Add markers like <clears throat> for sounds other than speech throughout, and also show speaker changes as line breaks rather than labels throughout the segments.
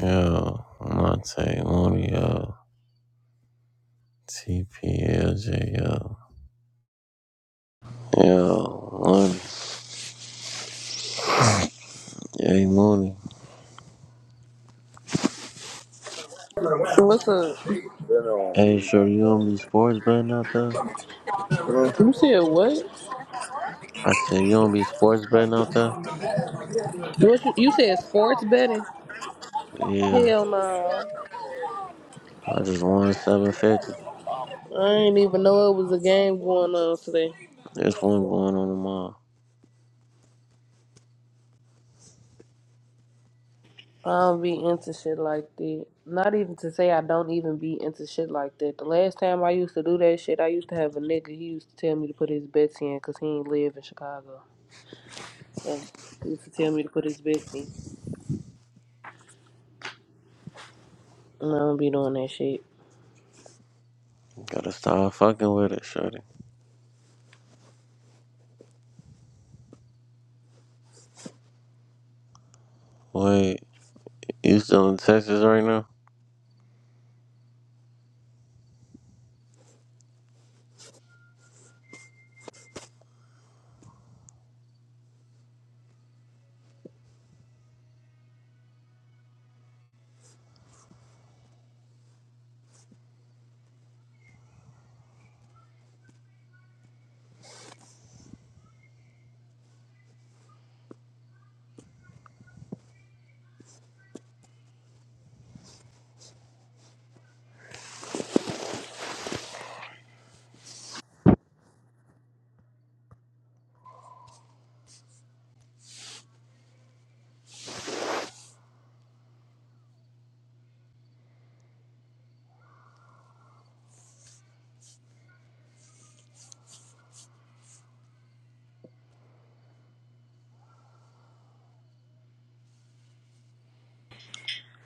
Yo, Monte, Mooney, yo. TPLJ, yo. Yo, Mooney. Hey, Mooney.
What's up?
Been on,
Hey,
Reese.
sure, you gonna be sports betting out there?
Huh?
You said what?
I said, you gonna be sports betting out there?
What you, you said sports betting?
Yeah,
Hell no.
I just won 750.
I didn't even know it was a game going on today.
This one going on tomorrow.
I don't be into shit like that. Not even to say I don't even be into shit like that. The last time I used to do that shit, I used to have a nigga. He used to tell me to put his bets in because he ain't live in Chicago. So he used to tell me to put his bets in. And I don't be doing that shit.
Gotta stop fucking with it, shorty. Wait, you still in Texas right now?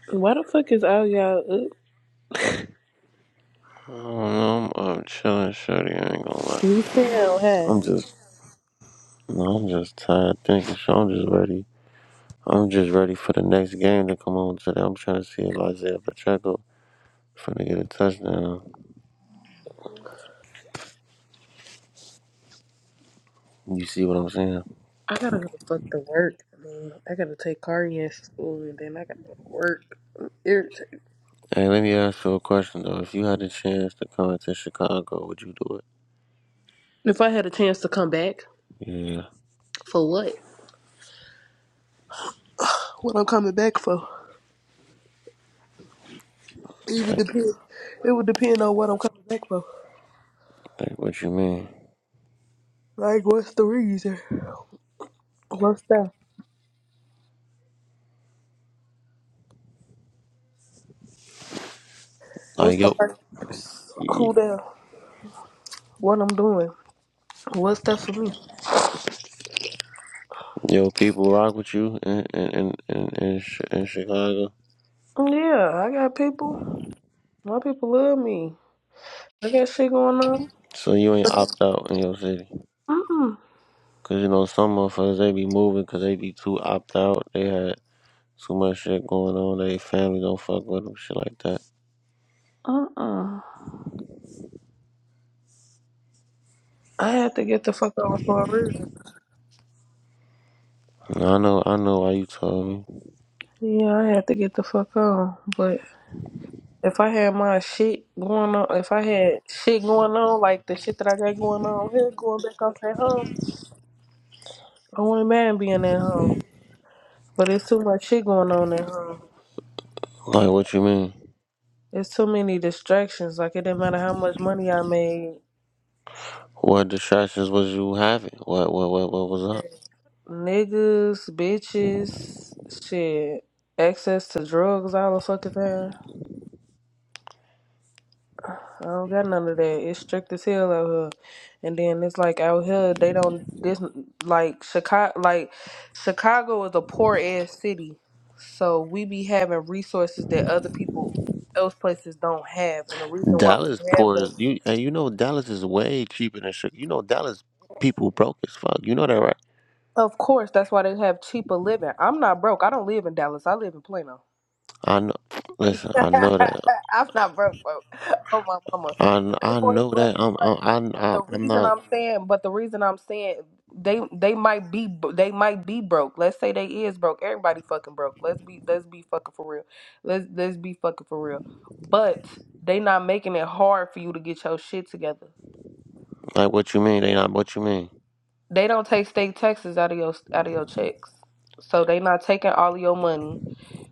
Why the fuck is all y'all up?
I don't know. I'm, I'm chilling, shorty. I ain't gonna lie.
You sound high.
I'm just, no, I'm just tired thinking. So I'm just ready I'm just ready for the next game to come on today. I'm trying to see if Isaiah Pacheco finna get a touchdown. You see what I'm saying?
I gotta go fuck to work. I mean, I gotta take Kari to school and then I gotta go to work. I'm irritated.
Hey, let me ask you a question though. If you had a chance to come to Chicago, would you do it?
If I had a chance to come back,
Yeah,
for what? What I'm coming back for? It would
like,
depend. It would depend on what I'm coming back for.
like what you mean?
Like, what's the reason? What's that? What's
Like
the
yo,
who that? What I'm doing? What's that for me?
yo, people rock with you in in in in, in, Chi- in Chicago,
Yeah, I got people. My people love me. I got shit going on.
so you ain't opt out in your city.
Mm
Cause you know some motherfuckers they be moving cause they be too opt out. They had too much shit going on. They family don't fuck with them, shit like that.
mm. Uh uh. I had to get the fuck on for a reason.
I know, I know why you told me.
Yeah, I had to get the fuck on, but. If I had my shit going on, if I had shit going on, like the shit that I got going on here, going back off at home, I wouldn't mind being at home. But it's too much shit going on at home.
Like, what you mean?
It's too many distractions. Like, it didn't matter how much money I made.
What distractions was you having? What, what, what, what was up?
Niggas, bitches, shit, access to drugs all the fucking time. I don't got none of that. It's strict as hell out here, and then it's like out here they don't this like Chicago. Like Chicago is a poor ass city, so we be having resources that other people else places don't have, and the reason why we
Dallas
have
poor
them,
as you, and you know Dallas is way cheaper than Chicago. You know Dallas people broke as fuck. You know that, right?
of course, that's why they have cheaper living. I'm not broke. I don't live in Dallas. I live in Plano.
I know. Listen,
<laughs>
I know that.
I'm not broke, bro. Oh my mama,
I, kn-
but they
I
force,
know
but
that. I'm,
but
I'm, I'm,
The
I'm
reason
not
I'm saying, but the reason I'm saying they they might be they might be broke. Let's say they is broke. Everybody fucking broke. Let's be let's be fucking for real. Let's let's be fucking for real. But they not making it hard for you to get your shit together.
like what you mean. They not what you mean,
They don't take state taxes out of your out of your checks. So they not taking all of your money.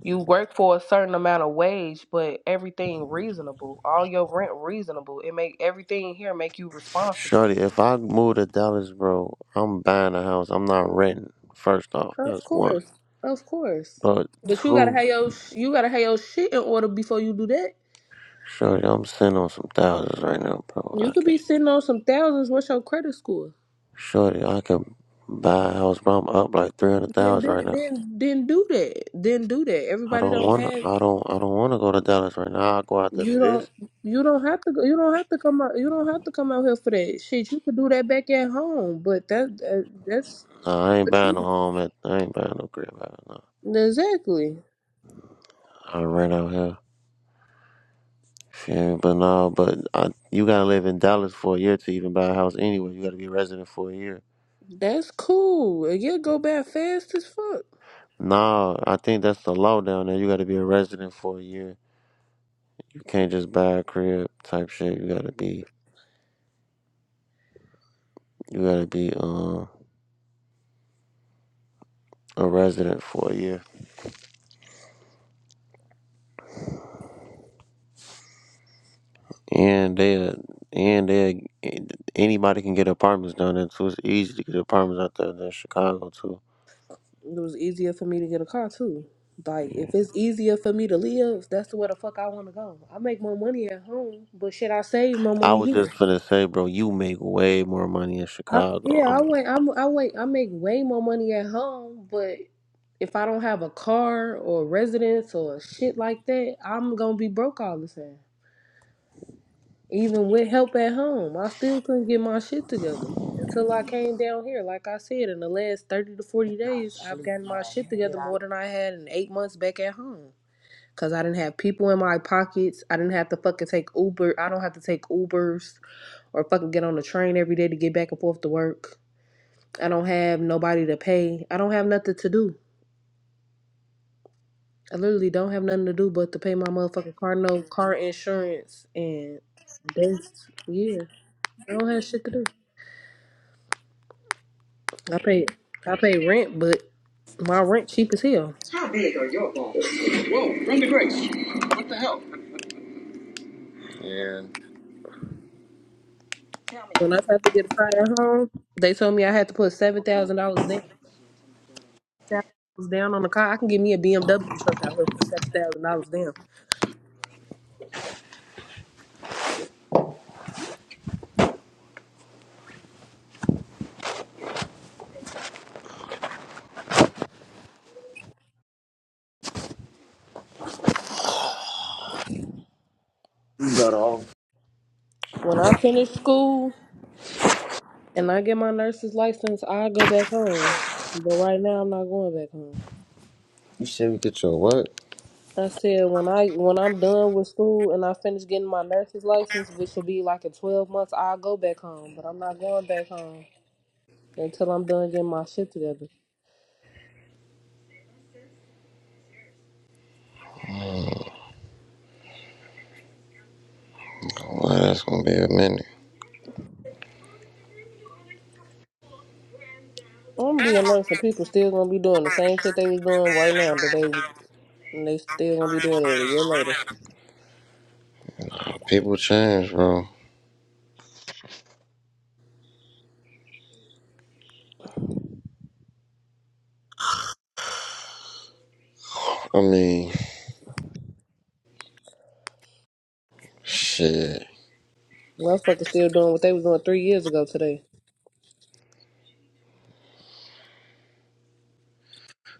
You work for a certain amount of wage, but everything reasonable. All your rent reasonable. It make everything here make you responsible.
Shorty. If I move to Dallas, bro, I'm buying a house. I'm not renting. First off,
Of
that's one.
course, of course.
But
But you gotta
two,
have your sh- you gotta have your shit in order before you do that.
Shorty, I'm sitting on some thousands right now, bro. I
You could
can.
be sitting on some thousands. What's your credit score?
Shorty, I could buy a house, but I'm up like three hundred
Then
thousand right
do-
now.
then then do that. Then do that.
I
Everybody
don't
don't
wanna.
have
I don't. I don't wanna go to Dallas right now. I'll go out to the
you don't
visit.
you don't have to go you don't have to come out you don't have to come out here for that shit. You could do that back at home. But that, that that's
Nah, I ain't
what
buying
you
no home. At, I ain't buying no crib. Out, no.
do. exactly.
I rent out here. Feel me? But no. But I, you gotta live in Dallas for a year to even buy a house anyway. You gotta be a resident for a year.
That's cool. And You go back fast as fuck.
Nah, I think that's the law down there. You gotta be a resident for a year. You can't just buy a crib type shit. You gotta be. You gotta be um a resident for a year. And they and they anybody can get apartments down there too. It's easy to get apartments out there than Chicago too.
It was easier for me to get a car too. Like if it's easier for me to live, that's where the fuck I want to go. I make more money at home, but shit, I save my
I
money
was
here.
just gonna say, bro, you make way more money in
I,
Chicago.
yeah, I
I'm
wait. I'm, I wait. I make way more money at home, but if I don't have a car or residence or shit like that, I'm gonna be broke all the time. Even with help at home, I still couldn't get my shit together until I came down here. Like I said, in the last thirty to forty days, I've
like,
gotten my shit together more than I had in eight months back at home. Cause I didn't have people in my pockets. I didn't have to fucking take Uber. I don't have to take Ubers or fucking get on the train every day to get back and forth to work. I don't have nobody to pay. I don't have nothing to do. I literally don't have nothing to do but to pay my motherfucking car no car insurance and that's yeah. I don't have shit to do. I pay I pay rent, but my rent cheap as hell.
How big are your balls? Whoa, Brenda Grace. What the hell? You
When I tried to get a car at home, they told me I had to put seven thousand dollars down. seven thousand dollars down on the car. I can give me a BMW truck out of seven thousand dollars down.
got all.
When I finish school and I get my nurse's license, I go back home. But right now, I'm not going back home.
You said we get your what?
I said when I when I'm done with school and I finish getting my nurse's license, which will be like in twelve months, I'll go back home. But I'm not going back home until I'm done getting my shit together.
Well, that's gonna be a minute.
I'm gonna be a nurse, and people still gonna be doing the same shit they was doing right now. That they and they still gonna be doing it a year later.
People change, bro. I mean, shit.
Motherfuckers still doing what they was doing three years ago today.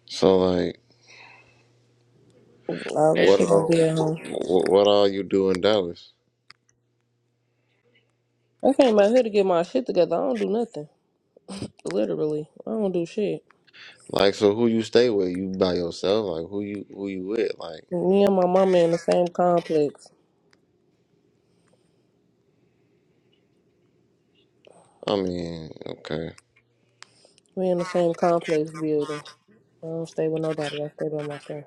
So like,
All that
what
shit gonna
all
be at home.
what, what all you do in Dallas?
I came out here to get my shit together. I don't do nothing. Literally. I don't do shit.
Like, so who you stay with? You by yourself? Like, who you who you with? Like,
Me and my mama in the same complex.
I mean, okay,
We in the same complex building. I don't stay with nobody. I stay by myself.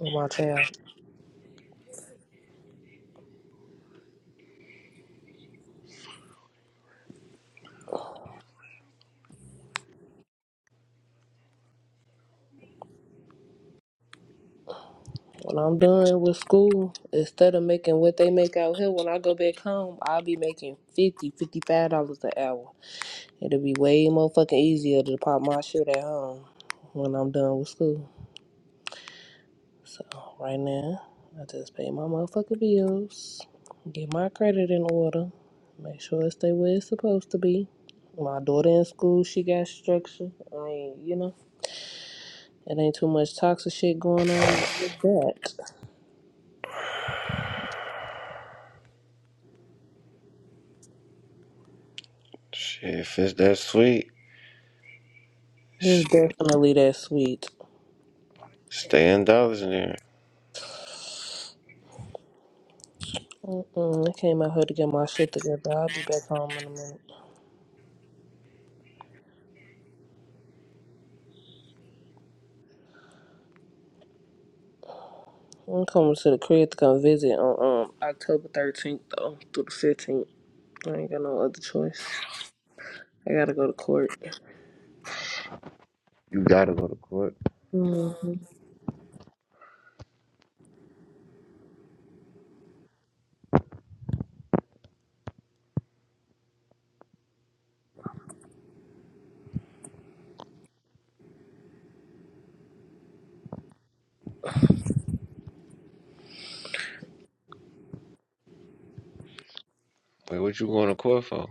With my child. When I'm done with school, instead of making what they make out here, when I go back home, I'll be making fifty, fifty-five dollars an hour. It'll be way more fucking easier to pop my shit at home when I'm done with school. So right now, I just pay my motherfucking bills, get my credit in order, make sure it stay where it's supposed to be. My daughter in school, she got structure. I ain't, you know, it ain't too much toxic shit going on. There's That
shit. If it's that sweet,
there's
shit,
definitely that sweet.
stay in dollars in there.
Mm-mm, I came out here to get my shit together. I'll be back home in a minute. I'm coming to the crib to come visit on um October 13th though through the 15th. I ain't got no other choice. I gotta go to court.
You gotta go to court.
hmm
Wait, what you going to court for?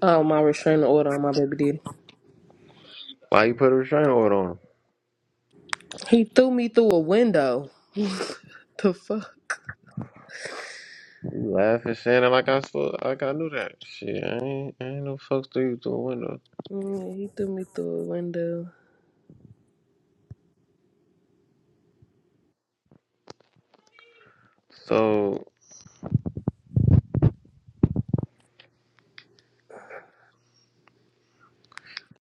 Oh, my restraining order on my baby daddy.
Why you put a restraining order on him?
He threw me through a window. <laughs> the fuck?
You laughing, saying it like I spo- like I knew that. Shit, I ain't, I ain't no fucks through you through a window.
Mm, Yeah, he threw me through a window.
So,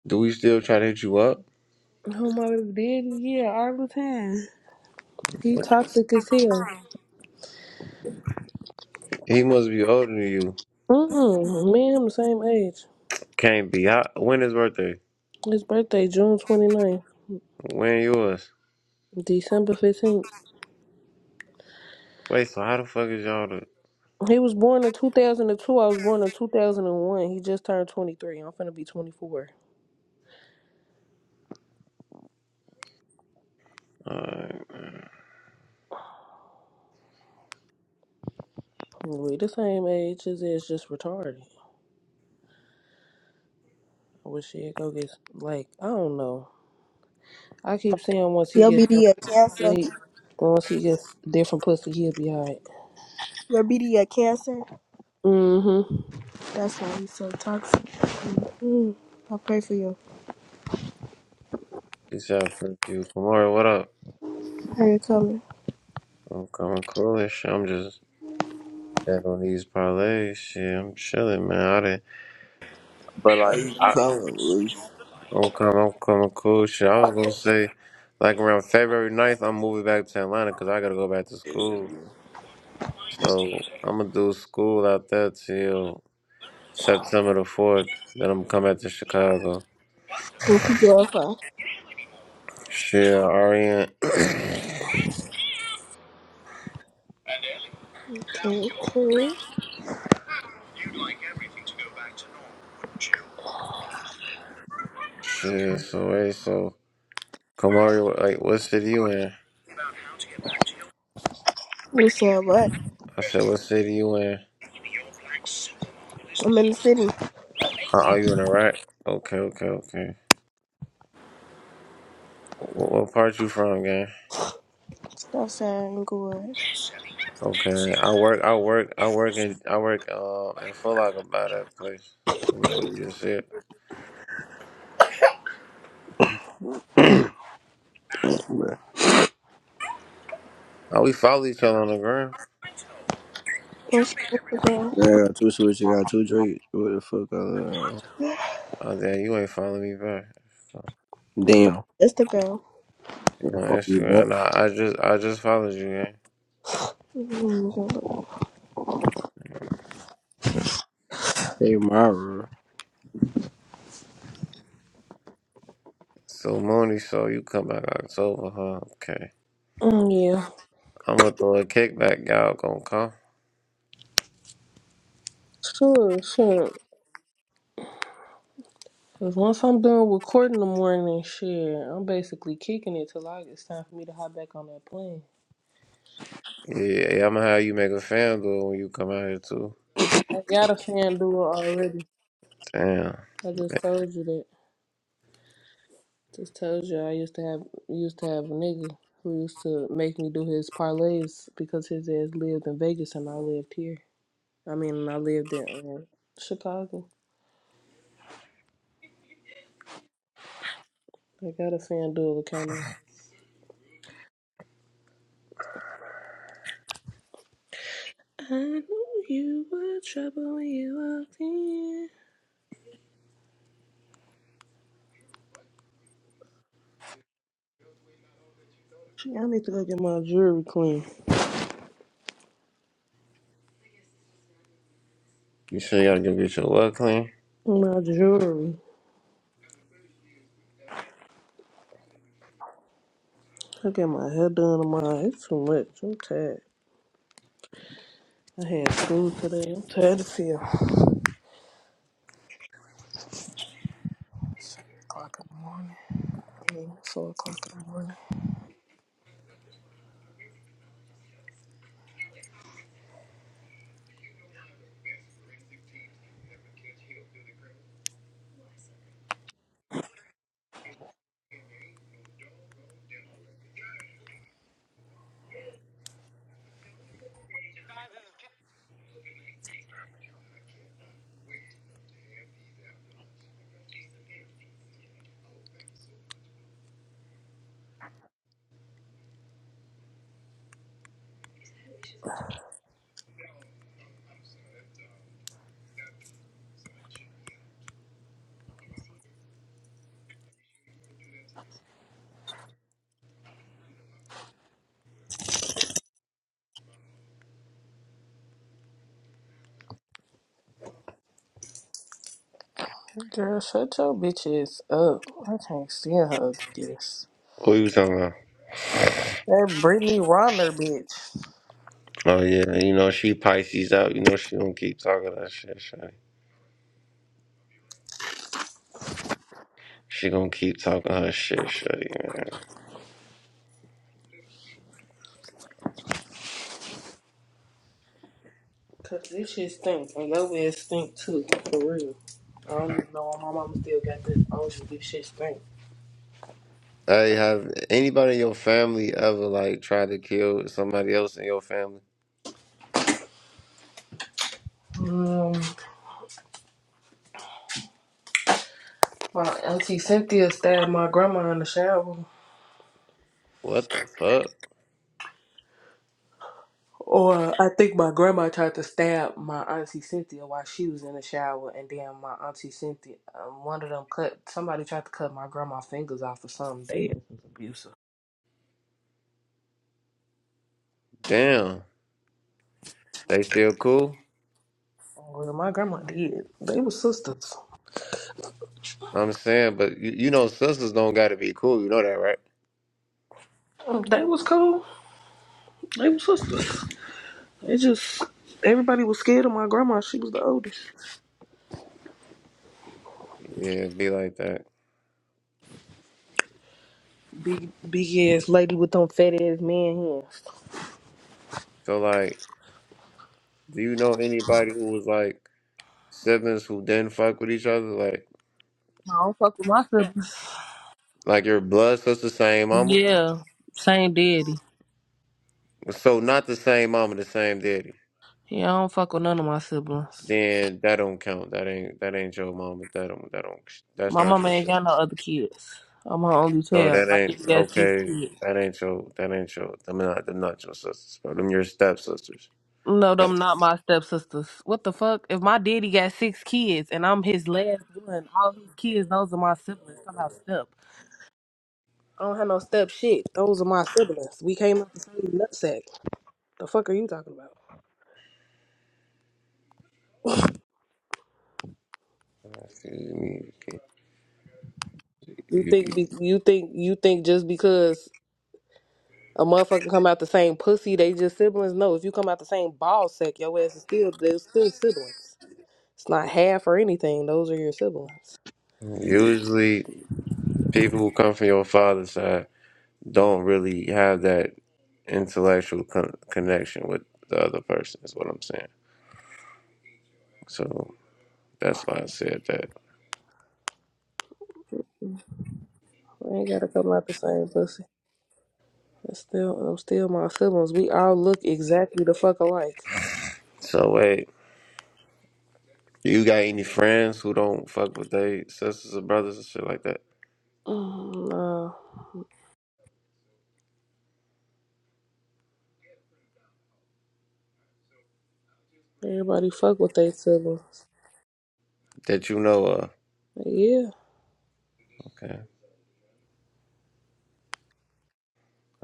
do we still try to hit you up?
Oh, my baby daddy, yeah, all the time. He
What? you-
toxic as hell.
He must be older than you.
Mm-mm, me and him the same age.
Can't be. How, when his birthday?
His birthday, June 29th,
When yours?
December 15th.
Wait, so how the fuck is y'all the?
He was born in 2002. I was born in 2001. He just turned 23. I'm finna be 24.
Alright.
We the same age as is just retarded. I wish he'd go get, like, I don't know. I keep saying once he
Your
gets.
BD a cancer.
Wait, as long as he gets different pussy, he'll be alright.
Your BD a cancer.
Mm-hmm.
That's why he's so toxic. Mm, I pray for you.
Peace out, Perpew. Kamara, what up?
How you coming?
I'm coming coolish. I'm just back on these parlays. Shit, I'm chilling, man. I didn't, but
How
like,
you
I,
coming,
I'm coming, I'm coming cool. Shit, I was gonna say, like around February ninth, I'm moving back to Atlanta because I gotta go back to school.
Reese?
So I'm gonna do school out there till September the fourth. Then I'm coming back to Chicago.
What you going for?
Shit, Orient. <clears throat>
Okay, okay.
Shit, so hey, so Kamari, like, what city you in?
What's up? What?
I said, what city you in?
I'm in the city.
Uh, are you in Iraq? Okay, okay, okay. What, what part you from, gang?
Southside and good.
Okay, I work, I work, I work in, I work um in Foot Locker by that place over there. What you just said?
Man,
Oh, we follow each other on the gram.
What's your Instagram?
I got two switches, I got two drakes. What the fuck? Uh,
Oh, damn, you ain't following me back. You
damn.
Instagram.
Can't
on
fuck you
Instagram?
back.
Nah, I just, I just followed you, gang.
Mm-hmm.
Hey, Myra.
So Mooney, so you come back October, huh? Okay,
Mm, yeah.
I'm gonna throw a kickback. Y'all gonna come?
Sure, sure. Cause once I'm done with court in the morning, shit, I'm basically kicking it till I, it's time for me to hop back on that plane.
Yeah, yeah I'm gonna have you make a fan duel when you come out here too.
I got a fan duel already.
Damn,
I just told you that. Just told you I used to have used to have a nigga who used to make me do his parlays because his ass lived in Vegas and I lived here. I mean, I lived in uh, Chicago. I got a fan duel account I knew you were trouble when you walked in. Shit, I need to go get my jewelry clean.
you sure you gotta go get your luck clean?
My jewelry. I get my hair done on my eyes. It's too much. I'm tired. I had school today. I'm tired as hell. Seven o'clock in the morning. I mean, it's four o'clock in the morning. Girl, shut your bitches up. I can't stand her ugly this.
What you talking about?
That Brittany Rodner bitch.
Oh yeah, you know she Pisces out. You know she gonna keep talking that shit, shawty. She gonna keep talking her shit, shawty, man.
Cause this shit stink and your bitch stink too. For real. I don't even know why my mama still got this. I Oh, this shit stink.
Hey, have anybody in your family ever like tried to kill somebody else in your family?
Um, my auntie Cynthia stabbed my grandma in the shower.
What the fuck?
Or I think my grandma tried to stab my auntie Cynthia while she was in the shower, and then my auntie Cynthia, um, one of them cut. Somebody tried to cut my grandma's fingers off or something. They was abusive.
Damn, they still cool.
Well, my grandma did. They was sisters.
I'm saying, but you, you know sisters don't gotta be cool. You know that, right?
Um, They was cool. They was sisters. It just everybody was scared of my grandma. She was the oldest.
Yeah, it be like that.
Big big ass lady with them fat ass man hands.
So like, do you know anybody who was like siblings who didn't fuck with each other? Like,
I don't fuck with my sister.
like your blood sister's same mama?
Yeah, same daddy.
So not the same mama, the same daddy.
Yeah, I don't fuck with none of my siblings.
Then that don't count. That ain't that ain't your mama. That don't that don't that's
My
not
mama
your
ain't
sister.
got no other kids. I'm her only
So
child.
that
My
ain't
daddy got six
okay.
kids.
That ain't your that ain't your. Them not them not your sisters, bro. Them your stepsisters.
No,
Like,
them not my stepsisters. What the fuck? If my daddy got six kids and I'm his last one, all his kids, those are my siblings. Somehow step. I don't have no step shit. Those are my siblings. We came up the same nutsack. The fuck are you talking about?
you-
You
you-
think be- you think you think just because A motherfucker come out the same pussy, they just siblings. No, if you come out the same ball sack, your ass is still they're still siblings. It's not half or anything. Those are your siblings.
Usually, people who come from your father's side don't really have that intellectual con- connection with the other person. Is what I'm saying. So that's why I said that.
We ain't gotta come out the same pussy. It's still I'm still my siblings. We all look exactly the fuck alike.
So wait. You got any friends who don't fuck with their sisters or brothers and shit like that?
Mm, no. Everybody fuck with their siblings.
That you know of?
Yeah.
Okay.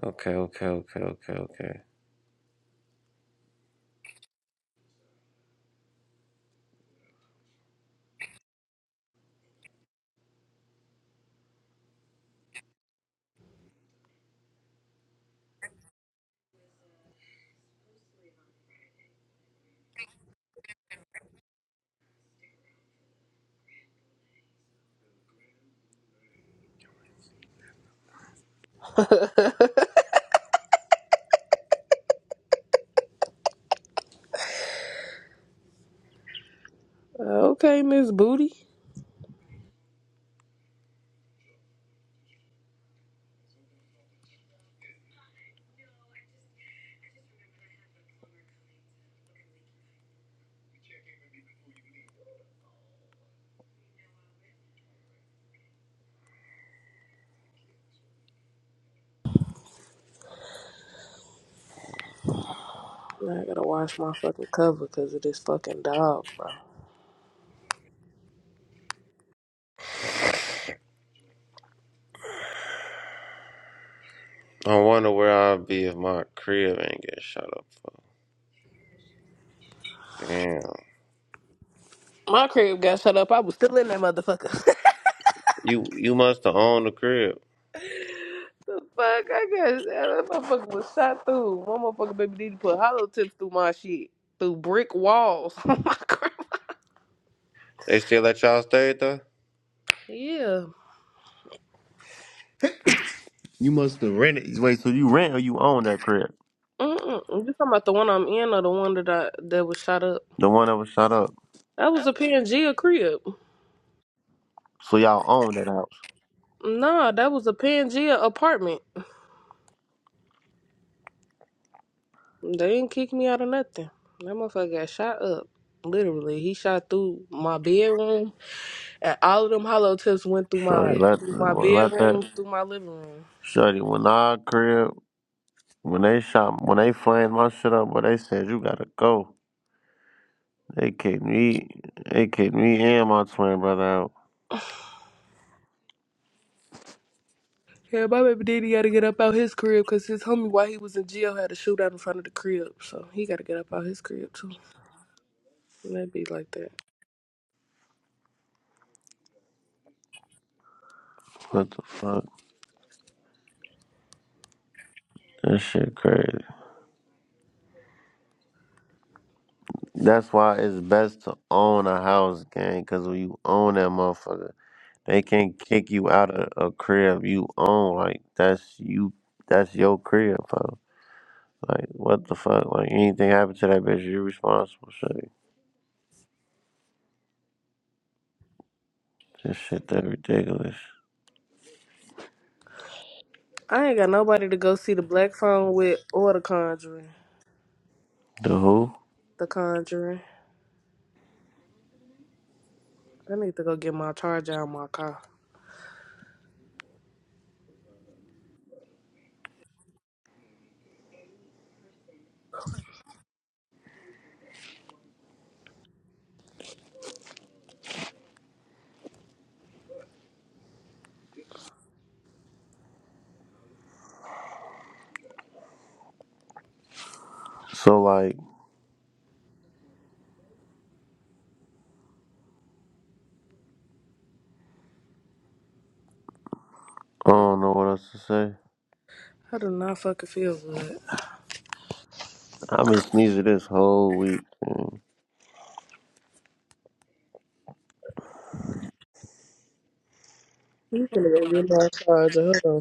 Okay, okay, okay, okay, okay.
<laughs> okay, Miss Booty. Now I gotta wash my fucking cover because of this fucking dog, bro.
I wonder where I'd be if my crib ain't get shut up. Fuck, Damn.
My crib got shut up. I was still in that motherfucker. <laughs>
You you must have owned the crib.
The fuck? I got that motherfucker was shot through. My motherfucker baby did put hollow tips through my shit. Through brick walls. <laughs> Oh my god.
They still let y'all stay there?
Yeah.
You must have rented. Wait, so you rent or you own that crib?
Mm-mm. You talking about the one I'm in or the one that I that was shot up?
The one that was shut up.
That was a Pangea crib.
So y'all own that house.
Nah, that was a Pangea apartment. They didn't kick me out of nothing. That motherfucker got shot up. Literally, he shot through my bedroom, and all of them hollow tips went through
Shorty,
my
let,
through my
well, let that.
bedroom, through my living room.
Shorty, when our crib, when they shot, when they flamed my shit up, but they said, you gotta go. They kicked me. They kicked me and my twin brother out.
Yeah, my baby daddy got to get up out his crib because his homie, while he was in jail, had a shootout in front of the crib. So he got to get up out his crib, too. That'd be like that.
What the fuck? That shit crazy. That's why it's best to own a house, gang. Cause when you own that motherfucker, they can't kick you out of a crib you own. Like that's you. That's your crib, bro. Like what the fuck? Like anything happen to that bitch, you're responsible. Shit. This shit that ridiculous.
I ain't got nobody to go see the Black Phone with or the Conjuring.
The who?
The Conjuring. I need to go get my charger out of my car.
So like, I don't know what else to say.
I do not fucking feel good.
I've been sneezing this whole week. Man.
You finna go get my charger. Hold on.